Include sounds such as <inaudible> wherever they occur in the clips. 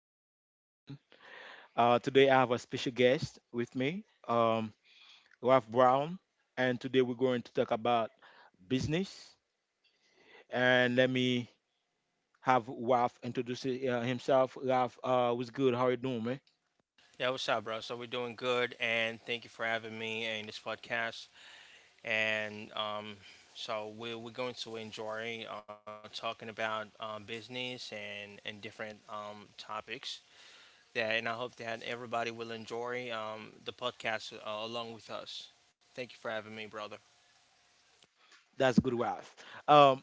This is Gene again. Today, I have a special guest with me, Ralph Brown, and today we're going to talk about business. And let me have Ralph introduce himself. Ralph, what's good? How you doing, man? Yeah, what's up, bro? So we're doing good, and thank you for having me in this podcast. And So we're going to enjoy talking about business and different topics. Yeah, and I hope that everybody will enjoy the podcast along with us. Thank you for having me, brother. That's good, Ralph. Um,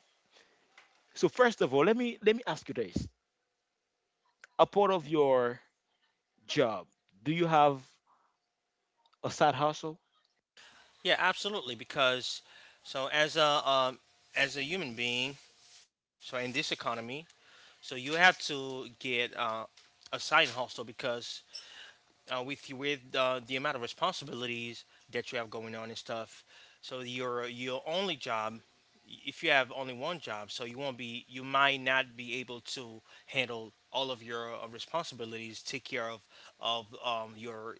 so first of all, let me ask you this: a part of your job, do you have a side hustle? Yeah, absolutely. Because so as a um, as a human being, so in this economy, so you have to get a side hustle because with the amount of responsibilities that you have going on and stuff. So your only job, if you have only one job, so you might not be able to handle all of your responsibilities, take care of your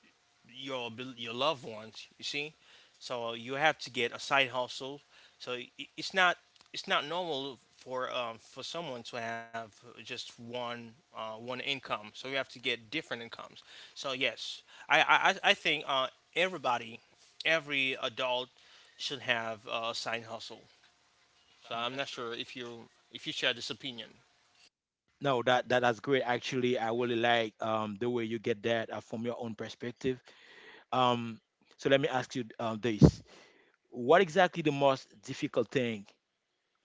your abil- your loved ones. You see, so you have to get a side hustle so i- i- it's not it's not normal for someone to have just one one income. So you have to get different incomes. So yes, I think everybody, every adult should have a side hustle. So I'm not sure if you share this opinion. No, that's great. Actually, I really like the way you get that from your own perspective. Um, so let me ask you this: what exactly the most difficult thing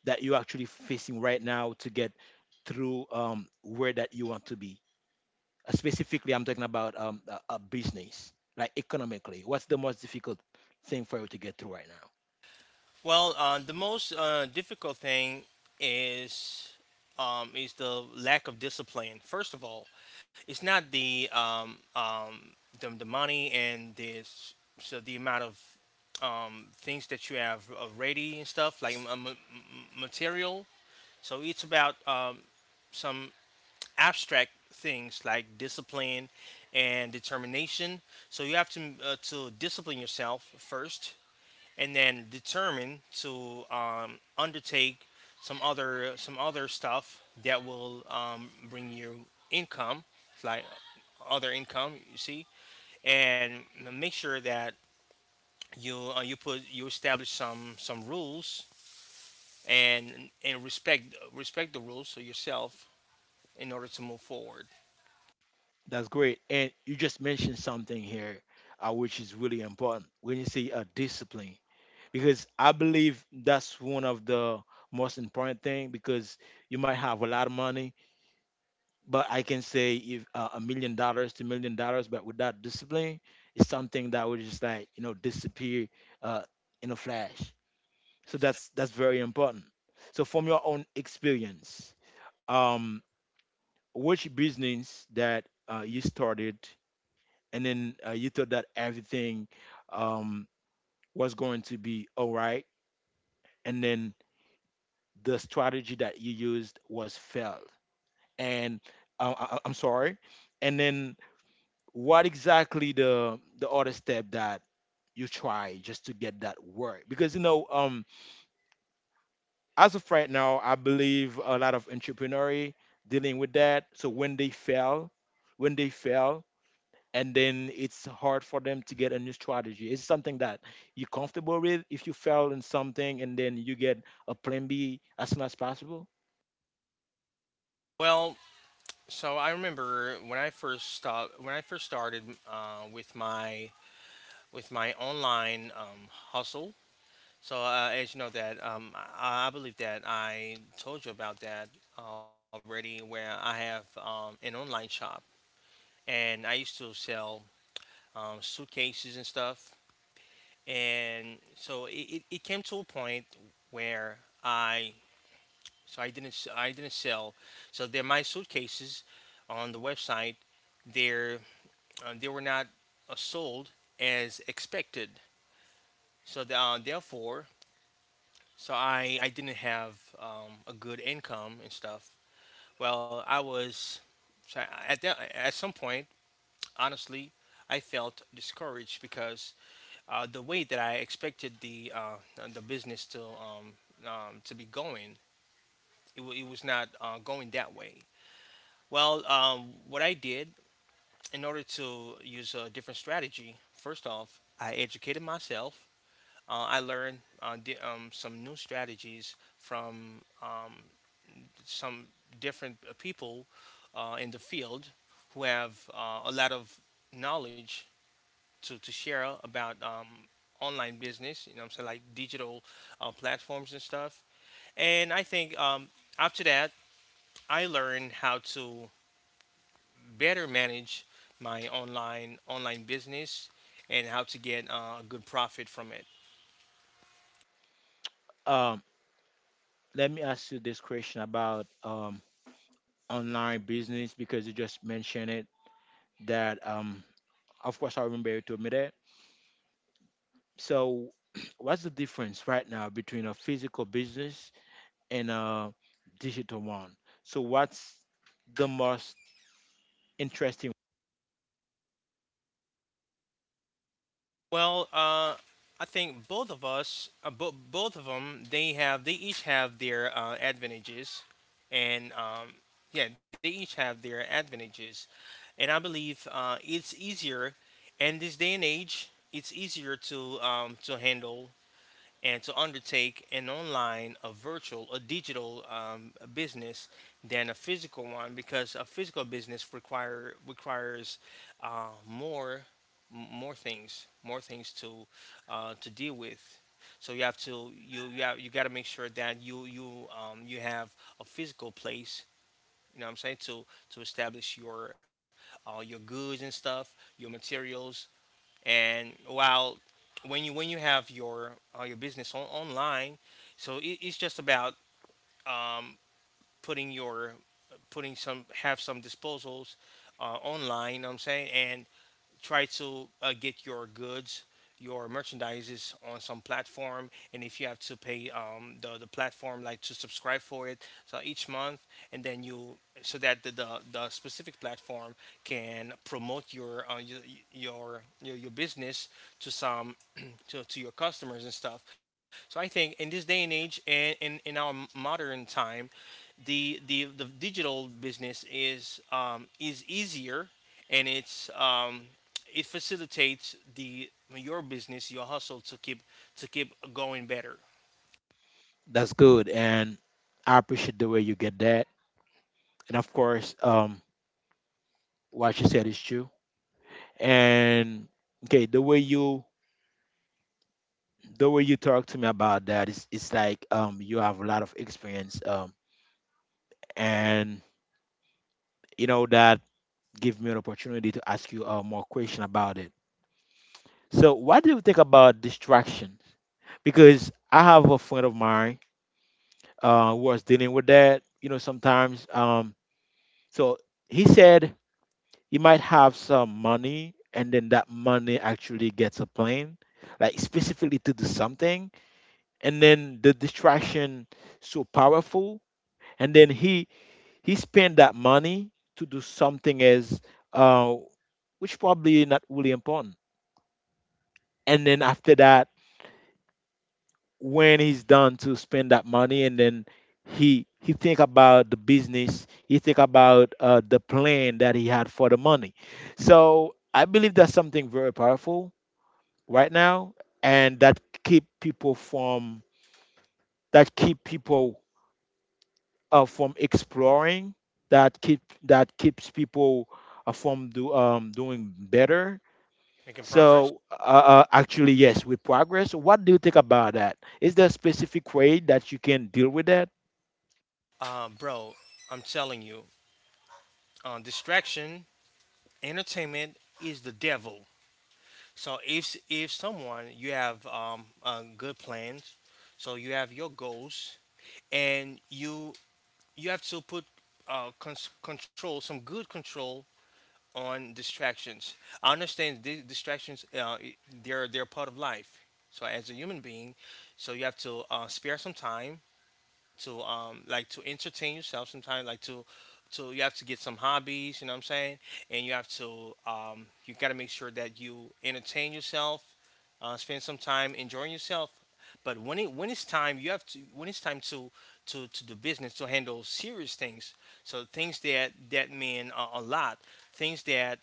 that you're actually facing right now to get through, where that you want to be? Specifically, I'm talking about a business, like economically. What's the most difficult thing for you to get through right now? Well, the most difficult thing is is the lack of discipline. First of all, it's not the money and this so the amount of things that you have already and stuff like material. So it's about some abstract things like discipline and determination. So you have to discipline yourself first and then determined to undertake some other stuff that will bring you income, like other income. You see, and make sure that you you put you establish some rules and respect the rules for yourself in order to move forward. That's great. And you just mentioned something here, which is really important when you say discipline, because I believe that's one of the most important thing because you might have a lot of money, but I can say if $1 million to $1 million, but without discipline, it's something that would just like you know disappear uh, in a flash. So that's very important. So from your own experience, um, which business that you started and then you thought that everything, um, was going to be all right, and then the strategy that you used was failed, and I'm sorry, and then what exactly the other step that you try just to get that work, because you know, as of right now I believe a lot of entrepreneur dealing with that. So when they fail and then it's hard for them to get a new strategy. It's something that you're comfortable with if you fail in something and then you get a plan B as soon as possible. Well, so I remember when I first started with my online hustle. So, as you know that, I believe that I told you about that already, where I have an online shop, and I used to sell suitcases and stuff. And so it came to a point where I didn't sell. So they're my suitcases on the website. They're they were not sold as expected. Therefore, I didn't have a good income and stuff. Well, I was so I- At that at some point, honestly, I felt discouraged because the way that I expected the business to be going, it was not going that way. Well, what I did in order to use a different strategy, first off, I educated myself. I learned some new strategies from some different people in the field who have a lot of knowledge to share about online business, you know what I'm saying, like digital platforms and stuff. And I think after that, I learned how to better manage my online business and how to get a good profit from it. um Let me ask you this question about online business, because you just mentioned it, that of course, I remember you told me that. So, <clears throat> what's the difference right now between a physical business and a digital one? So, what's the most interesting? Well, I think both of them, they each have their advantages, and yeah, they each have their advantages, and I believe it's easier, in this day and age, it's easier to handle and to undertake an online, a virtual, a digital business than a physical one because a physical business requires uh, more more things to deal with. So you got to make sure that you you have a physical place. You know what I'm saying, to establish your goods and stuff, your materials, and while when you have your business online so it's just about um, putting your putting some disposals online. You know what I'm saying, and try to get your goods, your merchandises on some platform, and if you have to pay the platform like to subscribe for it, so each month, and then you so that the specific platform can promote your your business to some <clears throat> to your customers and stuff. So I think in this day and age and in our modern time, the digital business is easier and it's it facilitates the your hustle to keep going better, That's good, and I appreciate the way you get that. And of course, what you said is true. And okay, the way you talk to me about that is it's like you have a lot of experience, and you know that give me an opportunity to ask you more question about it. So, what do you think about distraction? Because I have a friend of mine who was dealing with that. You know, sometimes. So he said he might have some money, and then that money actually gets a plane, like specifically to do something, and then the distraction so powerful, and then he spent that money to do something as uh, which probably not really important, and then after that when he's done to spend that money and then he think about the business. He think about the plan that he had for the money. So I believe that's something very powerful right now, and that keep people from exploring, that keeps people from doing better. making progress. So actually yes, with progress, what do you think about that? Is there a specific way that you can deal with that? Bro, I'm telling you, distraction, entertainment is the devil. So if someone, you have good plans, so you have your goals, and you have to put control, some good control, on distractions. I understand distractions. They're part of life. So as a human being, so you have to spare some time to like to entertain yourself sometimes, like to you have to get some hobbies, you know what I'm saying, and you have to you got to make sure that you entertain yourself, spend some time enjoying yourself. But when it's time, you have to when it's time to to do business, to handle serious things, so things that mean a lot, things that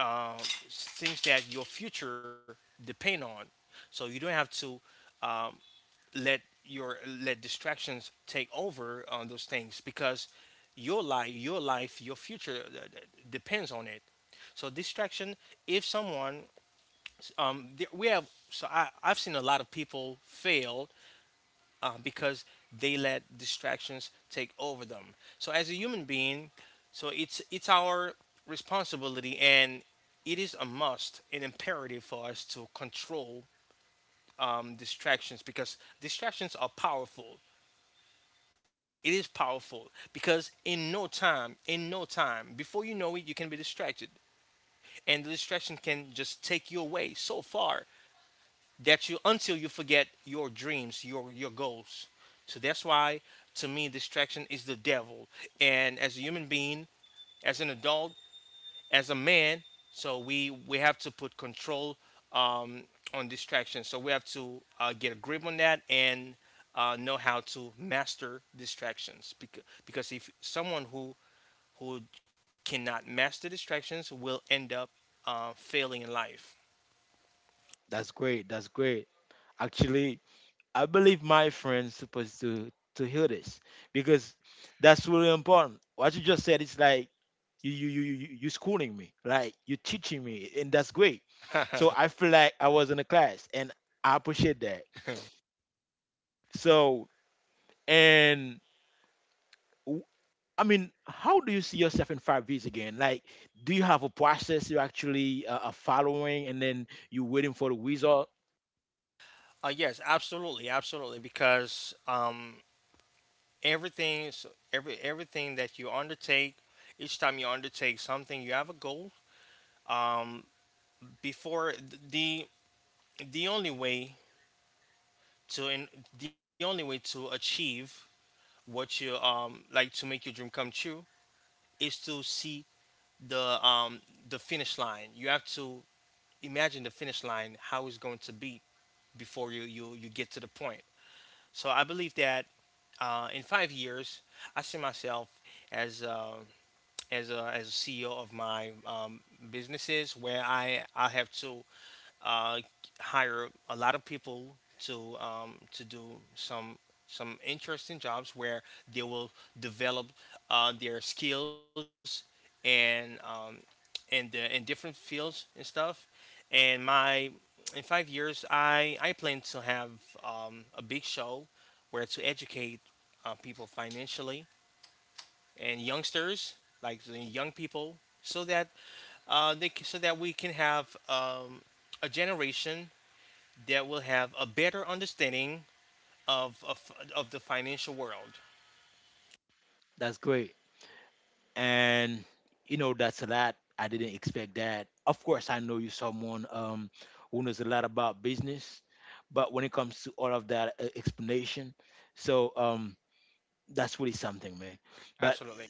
uh, things that your future depend on, so you don't have to let your let distractions take over on those things, because your life, your future depends on it. So distraction, if someone th- we have so I've seen a lot of people fail because they let distractions take over them. So as a human being, so it's our responsibility, and it is a must, an imperative for us to control distractions, because distractions are powerful. It is powerful because in no time, before you know it, you can be distracted, and the distraction can just take you away so far that you until you forget your dreams, your goals. So that's why, to me, distraction is the devil. And as a human being, as an adult, as a man, so we have to put control um, on distraction. So we have to get a grip on that and know how to master distractions. Because if someone who cannot master distractions will end up failing in life. That's great. That's great. Actually, I believe my friend's supposed to hear this, because that's really important. What you just said is like you schooling me, like you teaching me, and that's great. So <laughs> I feel like I was in a class, and I appreciate that. So and w- I mean, how do you see yourself in 5 years again? Like, do you have a process you actually are following, and then you waiting for the result? Yes, absolutely, absolutely. Because everything, is- everything that you undertake, each time you undertake something, you have a goal. Um, before th- The only way to in, the only way to achieve what you like to make your dream come true is to see the um the finish line. You have to imagine the finish line, how it's going to be before you get to the point. So I believe that in 5 years, I see myself as as a CEO of my businesses, where I have to uh, hire a lot of people to do some interesting jobs where they will develop their skills and in the in different fields and stuff. And my in 5 years, I plan to have a big show where to educate people financially and youngsters, like the young people, so that so that we can have a generation that will have a better understanding of the financial world. That's great. And you know, that's a lot. I didn't expect that. Of course, I know you're someone, who knows a lot about business, but when it comes to all of that explanation, so that's really something, man. But Absolutely.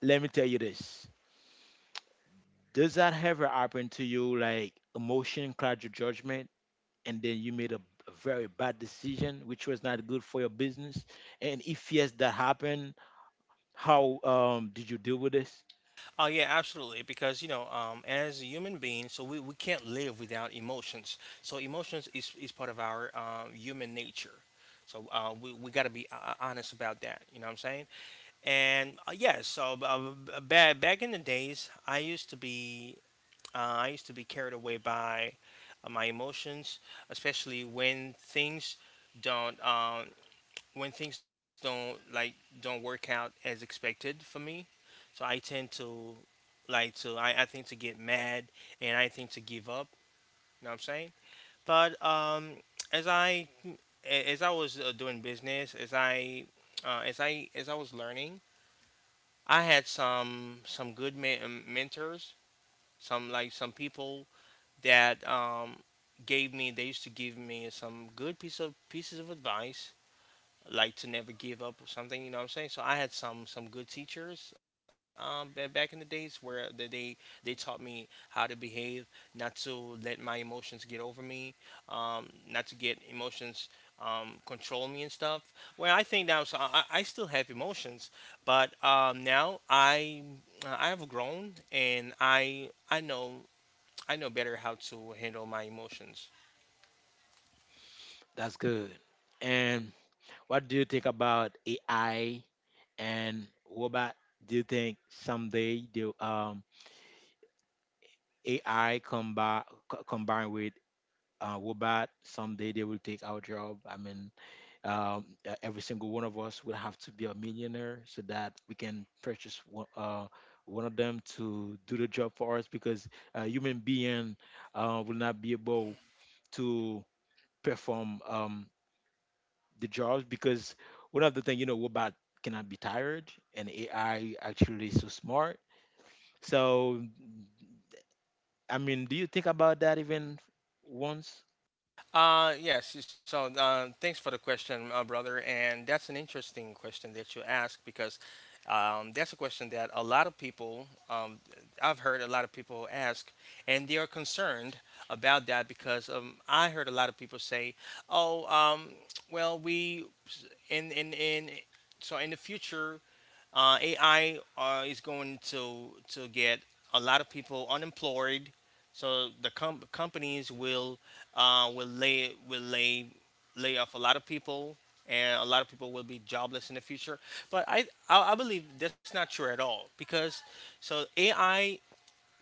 let me tell you this: does that ever happen to you, like emotion cloud your judgment, and then you made a very bad decision which was not good for your business? And if yes that happened, how did you deal with this? Oh yeah, absolutely. Because you know, as a human being, so we can't live without emotions. So emotions is part of our human nature. So we got to be honest about that. You know what I'm saying? And yeah, so back in the days, I used to be carried away by my emotions, especially when things don't when things don't work out as expected for me. So I tend to I think to get mad and I think to give up. You know what I'm saying? But as I was doing business, as I as I was learning, I had some good mentors, some like some people that gave me. They used to give me some good piece of pieces of advice, like to never give up or something. You know what I'm saying? So I had some good teachers back in the days where they taught me how to behave, not to let my emotions get over me, not to get emotions control me and stuff. Well, I think now I still have emotions, but now I have grown and I know better how to handle my emotions. That's good. And what do you think about AI and robot? Do you think someday the, AI combined with robot, someday they will take our job? I mean, every single one of us will have to be a millionaire so that we can purchase one, one of them to do the job for us, because a human being will not be able to perform. The jobs, because one of the thing you know, robot cannot be tired and AI actually is so smart. So I mean, do you think about that even once? Yes. So, thanks for the question, brother. And that's an interesting question that you ask because that's a question that a lot of people, I've heard a lot of people ask, and they are concerned about that because I heard a lot of people say, "Oh, well, we in so in the future, AI is going to get a lot of people unemployed so the companies will will lay off a lot of people, and a lot of people will be jobless in the future. But I believe that's not true at all because so AI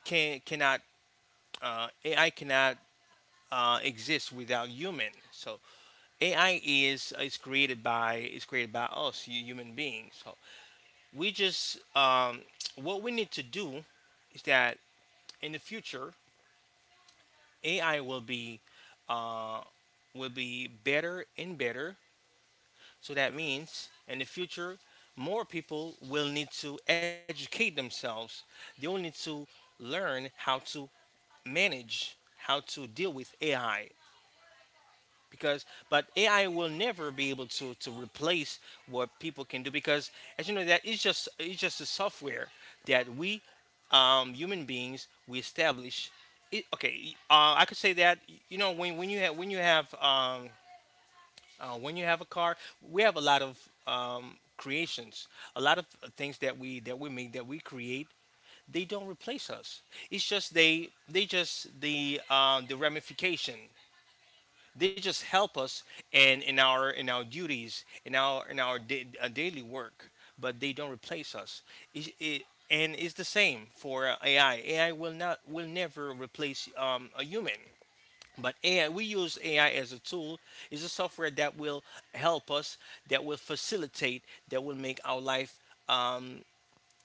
can cannot uh, AI cannot exist without human. So AI is created by us human beings. So we just what we need to do is that in the future AI uh, will be better and better. So that means in the future, more people will need to educate themselves. They will need to learn how to manage, how to deal with AI. Because, but AI will never be able to replace what people can do. Because, as you know, that is just it's just a software that we human beings we establish it, okay, I could say that, you know, when you have when you have a car, we have a lot of creations, a lot of things that we create. They don't replace us. It's just they just the ramification. They just help us in our duties in our daily work, but they don't replace us. It, it, it's the same for AI. AI will never replace a human, but AI, we use AI as a tool. It's a software that will help us, that will facilitate, that will make our life um,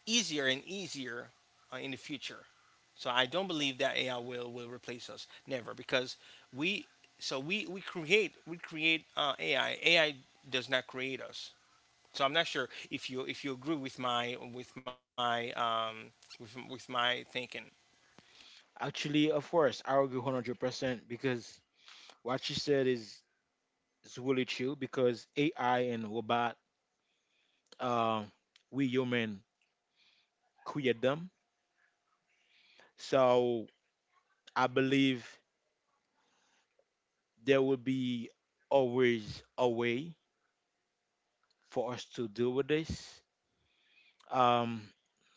easier and easier in the future. So I don't believe that AI will replace us, never, because we so we create AI. AI does not create us. So I'm not sure if you agree with with my thinking. Actually, of course, I agree 100%, because what she said is really true, because AI and robot, uh, we human create them. So I believe there will be always a way for us to deal with this. Um,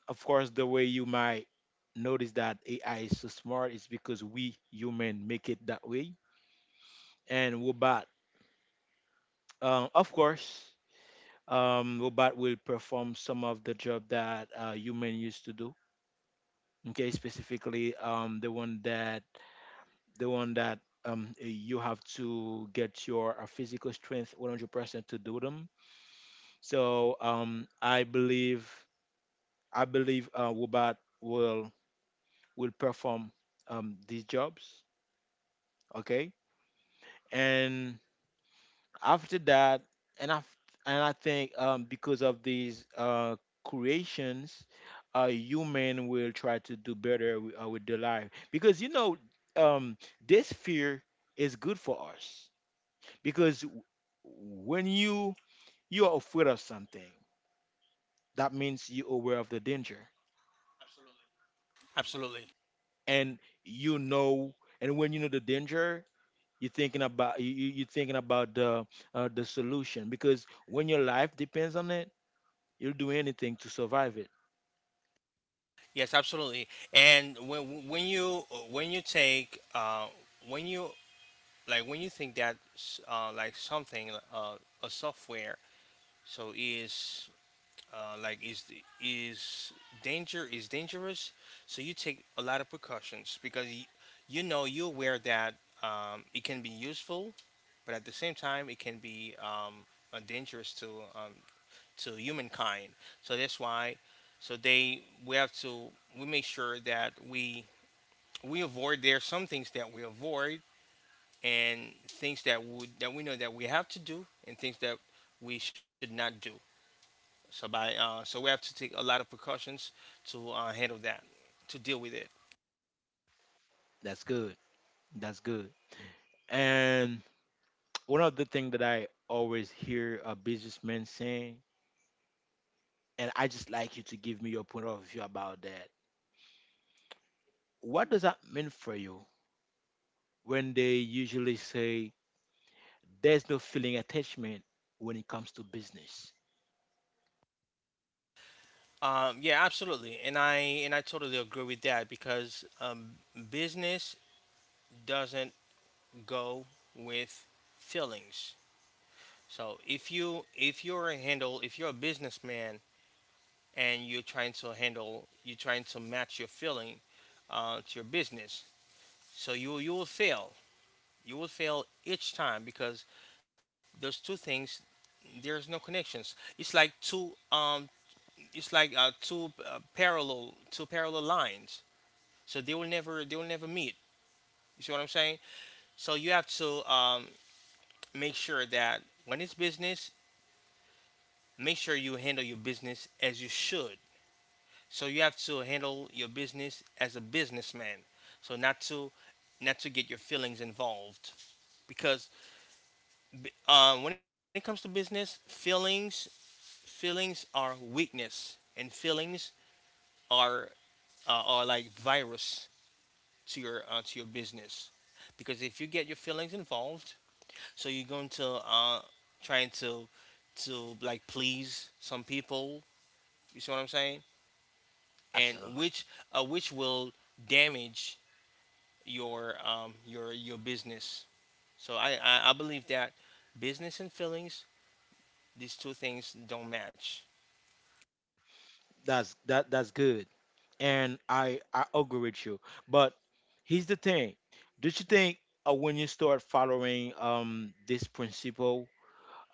of course, the way you might notice that AI is so smart is because we human make it that way, and robot, of course, robot will perform some of the job that human used to do. Okay, specifically the one that you have to get your physical strength 100% to do them. So I believe robot will perform, these jobs. Okay, and after that and i and I think because of these creations, human will try to do better with their life, because you know, um this fear is good for us, because when you are afraid of something, that means you're aware of the danger. Absolutely. And you know, and when you know the danger, you're thinking about you're thinking about the solution, because when your life depends on it, you'll do anything to survive it. Yes, absolutely. And when you when you take uh, when you like when you think that like something, a software so is uh, like is is danger is dangerous, so you take a lot of precautions because you know, you're aware that it can be useful, but at the same time it can be dangerous um, to humankind. So that's why. So they we have to we make sure that we avoid there are some things that we avoid, and things that would that we know that we have to do, and things that we should not do. So by so we have to take a lot of precautions to handle that, to deal with it. That's good. That's good. And <tsk> one of the things that I always hear a businessman saying, and I just like you to give me your point of view about that. What does that mean for you when they usually say there's no feeling attachment when it comes to business? Yeah, absolutely, and I totally agree with that because business doesn't go with feelings. So if you if you're a handle if you're a businessman and you're trying to handle you're trying to match your feeling to your business, so you will fail. You will fail each time because those two things, there's no connections. It's like two parallel, two parallel lines. So they will never meet. You see what I'm saying? So you have to make sure that when it's business, make sure you handle your business as you should. So you have to handle your business as a businessman. So not to get your feelings involved, because when it comes to business, feelings are weakness, and feelings are are like virus to your business, because if you get your feelings involved, so you're going to trying to like please some people. You see what I'm saying? And Absolutely. Which will damage your your business. So I believe that business and feelings, these two things don't match. That's good. And I agree with you. But here's the thing. Don't you think when you start following this principle,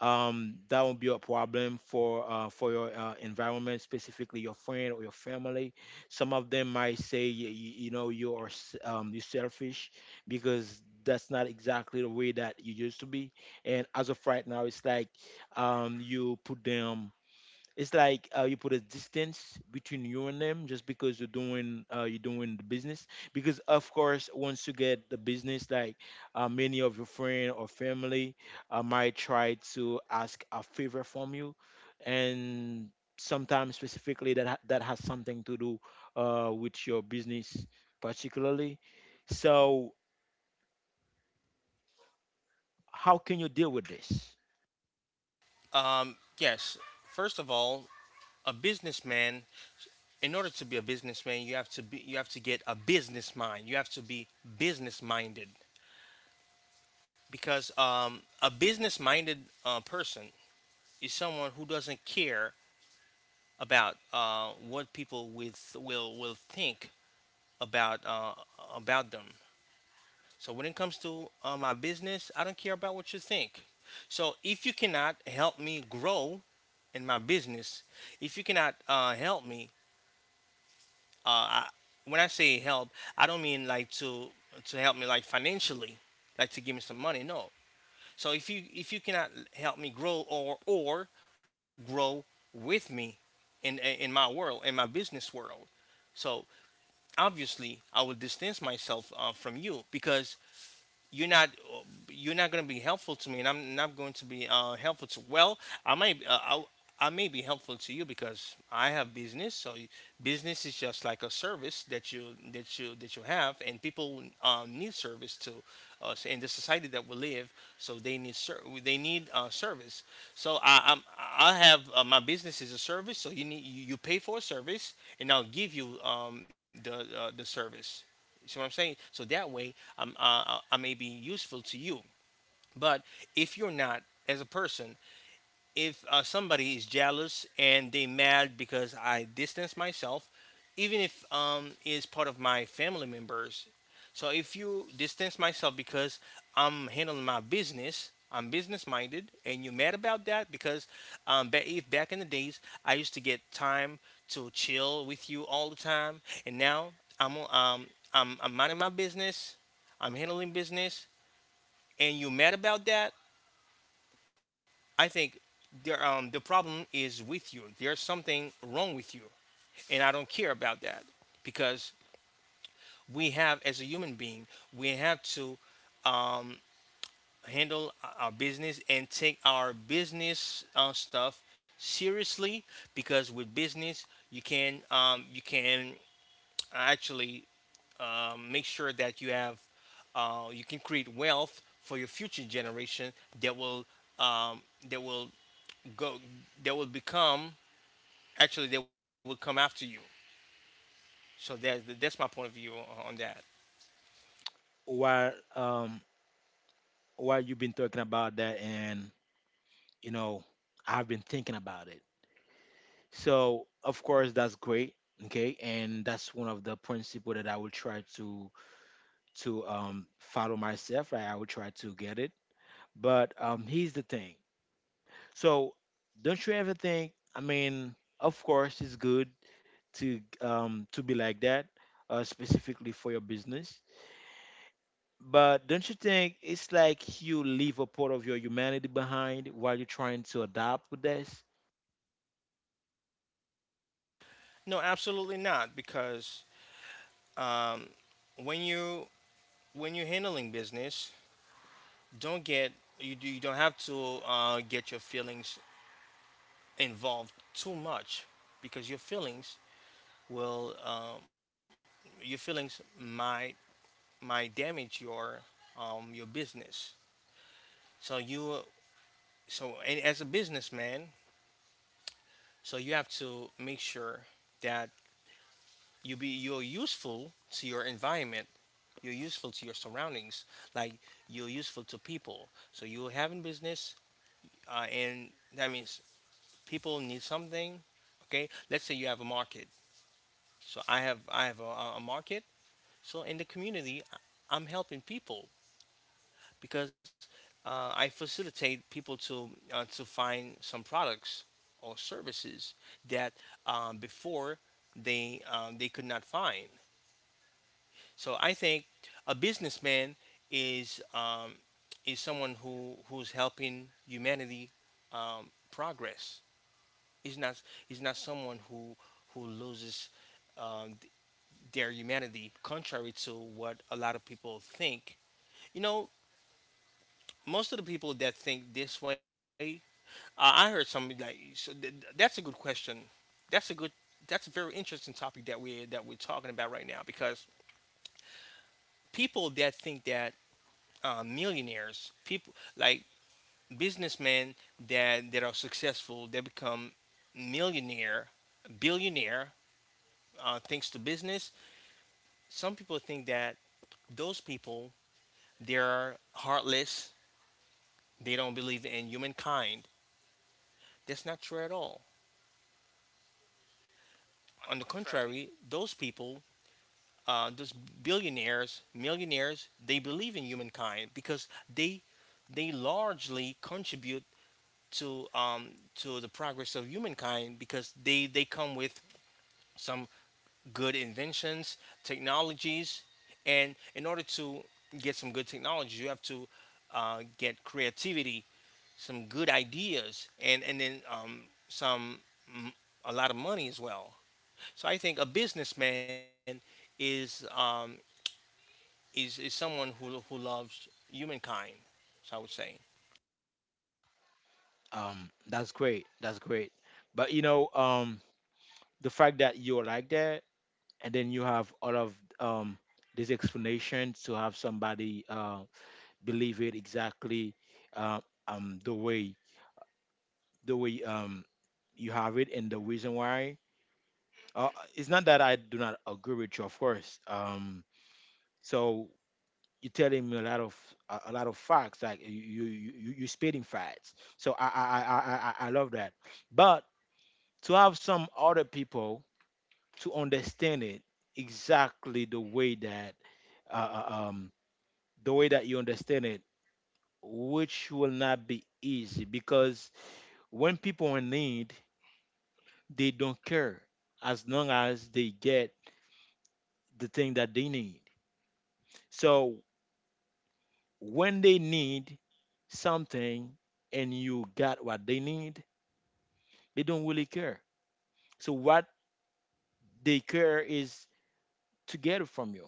that won't be a problem for your environment, specifically your friend or your family. Some of them might say, "Yeah, you know, you are you're selfish, because that's not exactly the way that you used to be. And as of right now, it's like you put them, it's like you put a distance between you and them just because you're doing the business. Because of course, once you get the business, like many of your friend or family might try to ask a favor from you, and sometimes specifically that that has something to do with your business particularly. So how can you deal with this? Yes, first of all, a businessman. In order to be a businessman, you have to be, you have to get a business mind. You have to be business minded because a business minded person is someone who doesn't care about what people with will think about uh, about them. So when it comes to my business, I don't care about what you think. So if you cannot help me grow in my business, if you cannot help me, uh, I, when I say help, I don't mean like to help me like financially, like to give me some money. No. So if you cannot help me grow or grow with me in my business world, so obviously I will distance myself from you because you're not, you're not going to be helpful to me, and I'm not going to be helpful to, well, I might, I may be helpful to you because I have business, business is just like a service that you have, and people need service to us in the society that we live, so they need service, so I have, my business is a service, so you need, you pay for a service and I'll give you the service. You see what I'm saying? So that way, I'm, may be useful to you. But if you're not, as a person, if somebody is jealous and they mad because I distance myself, even if is part of my family members. So if you distance myself because I'm handling my business, I'm business minded, and you're mad about that because ba- if back in the days I used to get time to chill with you all the time, and now I'm um I'm minding my business, I'm handling business, and you mad about that. I think the problem is with you. There's something wrong with you, and I don't care about that because we have, as a human being, we have to um, handle our business and take our business stuff seriously, because with business you can actually make sure that you have you can create wealth for your future generation that will um, that will go that will become, actually, they would come after you. So there's that's my point of view on that. While um, while you've been talking about that, and you know, I've been thinking about it. So of course that's great. Okay, and that's one of the principle that I will try to follow myself. Right, I will try to get it. But here's the thing. So don't you ever think? I mean, of course it's good to, to be like that, specifically for your business. But don't you think it's like you leave a part of your humanity behind while you're trying to adapt with this? No, absolutely not, because um, when you when you're handling business, don't get, you don't have to get your feelings involved too much, because your feelings will your feelings might damage your business. So you so and as a businessman, so you have to make sure that you be, you're useful to your environment, you're useful to your surroundings, like you're useful to people, so you're having business, and that means people need something. Okay, let's say you have a market, so I have, a market, so in the community I am helping people because I facilitate people to find some products or services that before they could not find. So I think a businessman is um, is someone who who's helping humanity progress. Is not, is not someone who loses um, th- their humanity, contrary to what a lot of people think. You know, most of the people that think this way, I heard somebody like, that's a good question. That's a good, that's a very interesting topic that we that we're talking about right now because people that think that millionaires, people like businessmen that are successful. They become millionaire, billionaire thanks to business. Some people think that those people, they're heartless. They don't believe in humankind. That's not true at all. On On the the contrary, contrary, those people, those billionaires, millionaires, they believe in humankind because they largely contribute to um, to the progress of humankind because they come with some good inventions, technologies, and in order to get some good technologies, you have to get creativity, some good ideas, and then some m- a lot of money as well. So I think a businessman is is someone who loves humankind, so I would say. That's great. That's great. But you know, the fact that you're like that and then you have all of these explanations to have somebody believe it exactly, uh, the way, the way um you have it, and the reason why, uh, it's not that I do not agree with you, of course. So you're telling me a lot of a lot of facts, like you you spitting facts, so I I love that. But to have some other people to understand it exactly the way that, uh, uh, um, the way that you understand it, which will not be easy because when people are in need, they don't care as long as they get the thing that they need. So when they need something and you got what they need, they don't really care. So what they care is to get it from you.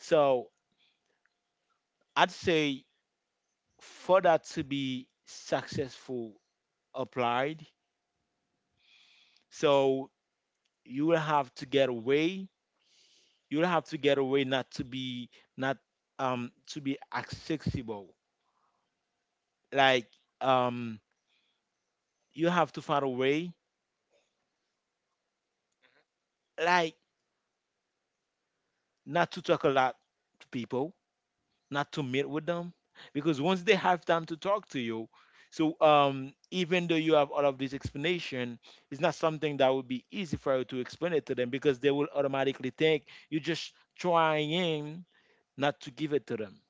So I'd say for that to be successful applied, so you will have to get away you'll have to get away not to be not to be accessible. Like um you have to find a way, like, not to talk a lot to people, not to meet with them. Because once they have time to talk to you, so even though you have all of this explanation, it's not something that would be easy for you to explain it to them because they will automatically think you're just trying not to give it to them.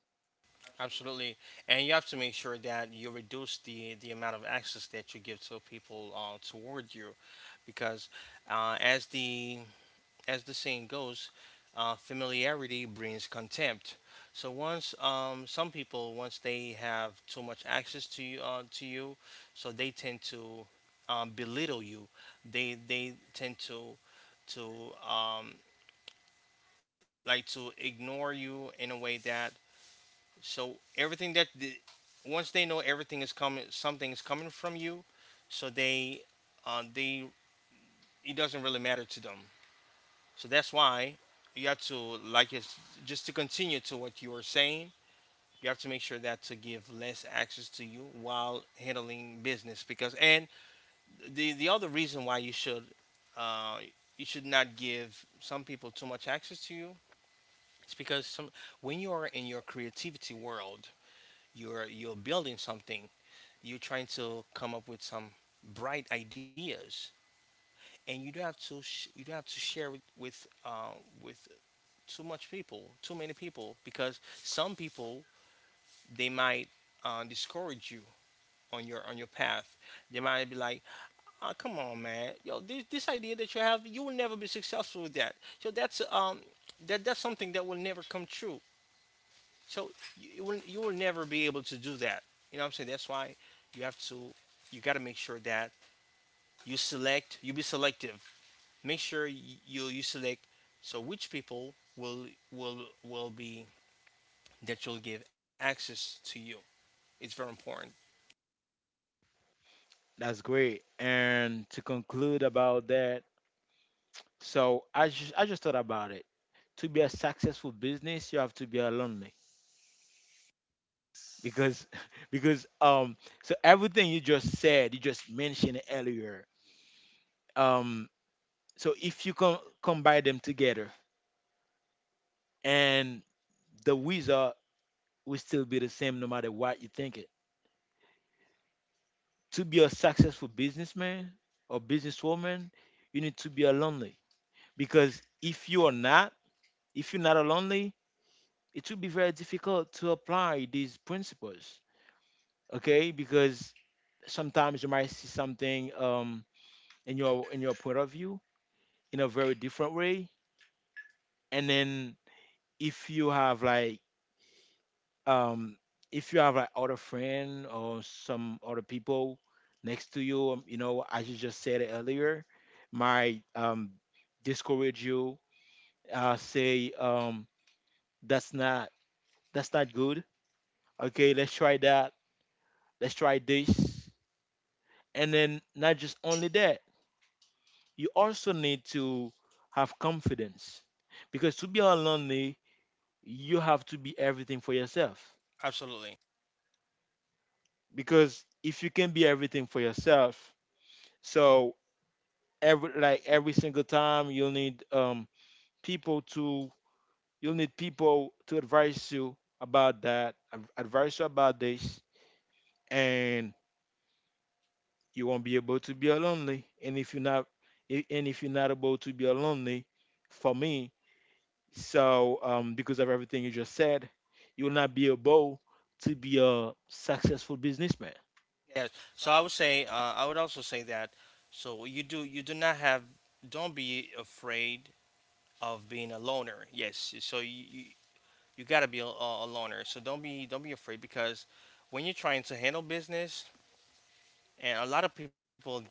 Absolutely, and you have to make sure that you reduce the amount of access that you give to people toward you, because uh, as the as the saying goes, familiarity brings contempt. So once some people, once they have too much access to you, so they tend to belittle you. They tend to to um, like to ignore you in a way that, so everything that once they know everything is coming, something is coming from you, so they, uh, they it doesn't really matter to them. So that's why you have to, like, just to continue to what you are saying. You have to make sure that to give less access to you while handling business, because, and the other reason why uh, you should not give some people too much access to you. It's because some when you are in your creativity world, you're building something. You're trying to come up with some bright ideas, and you don't have you don't have to share with, with too much people, too many people, because some people they might discourage you on your path. They might be like, "Oh, come on, man, yo, this idea that you have, you will never be successful with that. So that's that's something that will never come true. So you will, you will never be able to do that. You know what I'm saying? That's why you have to, you got to make sure that you be selective, make sure you select, so which people will will will be that you'll give access to you. It's very important. That's great. And to conclude about that, so I just thought about it. To be a successful business, you have to be a lonely because <laughs> because so everything you just said, you just mentioned earlier. Um so if you combine them together, and the wizard will still be the same no matter what you think it. To be a successful businessman or businesswoman, you need to be a lonely, because if you're not a lonely, it will be very difficult to apply these principles, okay? Because sometimes you might see something in your point of view in a very different way, and then if you have like um if you have like other friend or some other people next to you, you know, as you just said earlier, might discourage you, say, that's not good, okay, let's try that, let's try this. And then not just only that, you also need to have confidence, because to be lonely you have to be everything for yourself. Absolutely. Because if you can be everything for yourself, so every, like, every single time you'll need people to, you'll need people to advise you about that, advise you about this, and you won't be able to be lonely. And if you're not, I- and if you're not able to be lonely, for me, so, because of everything you just said, you will not be able to be a successful businessman. Yes, so I would say, I would also say that, so you do not have, don't be afraid of being a loner. Yes, so you got to be a loner, so don't be afraid because when you're trying to handle business, and a lot of people that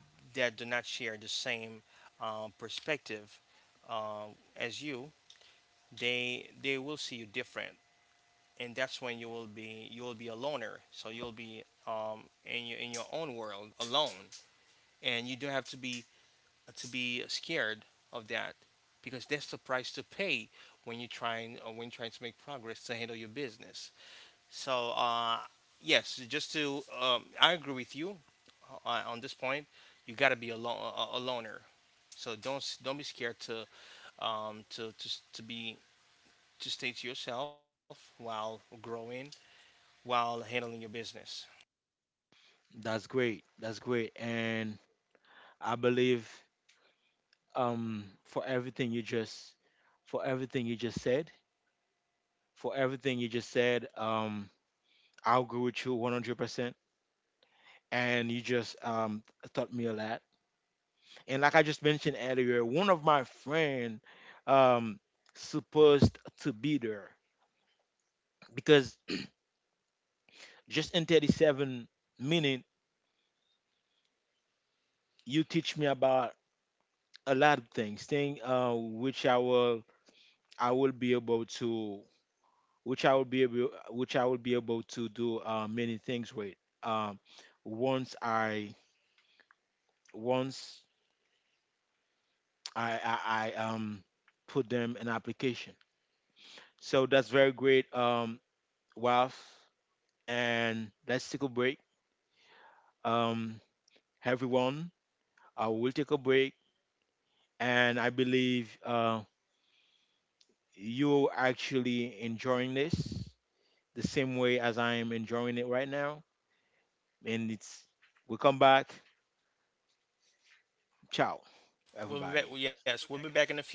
do not share the same perspective uh, as you, they will see you different, and that's when you will be a loner. So you'll be in your own world alone, and you don't have to be, to be scared of that, because that's the price to pay when you're trying, when you're trying to make progress to handle your business. So yes, just to I agree with you on this point. You got to be a loner. So don't be scared to, s- to be to stay to yourself while growing, while handling your business. That's great. That's great. And I believe, for everything you just for everything you just said, for everything you just said, I'll agree with you 100%. And you just, taught me a lot. And like I just mentioned earlier, one of my friend, um, supposed to be there because <clears throat> just in 37 minutes you teach me about a lot of things, thing which I will, I will be able to which I will be able which I will be able to do, many things with. Um, once I, once I put them in application. So that's very great, Ralph. And let's take a break. Um, Everyone, we'll take a break, and I believe, you're actually enjoying this, the same way as I am enjoying it right now. And it's, we come back. Ciao, We'll be back. everybody. Yes, we'll be back in a few.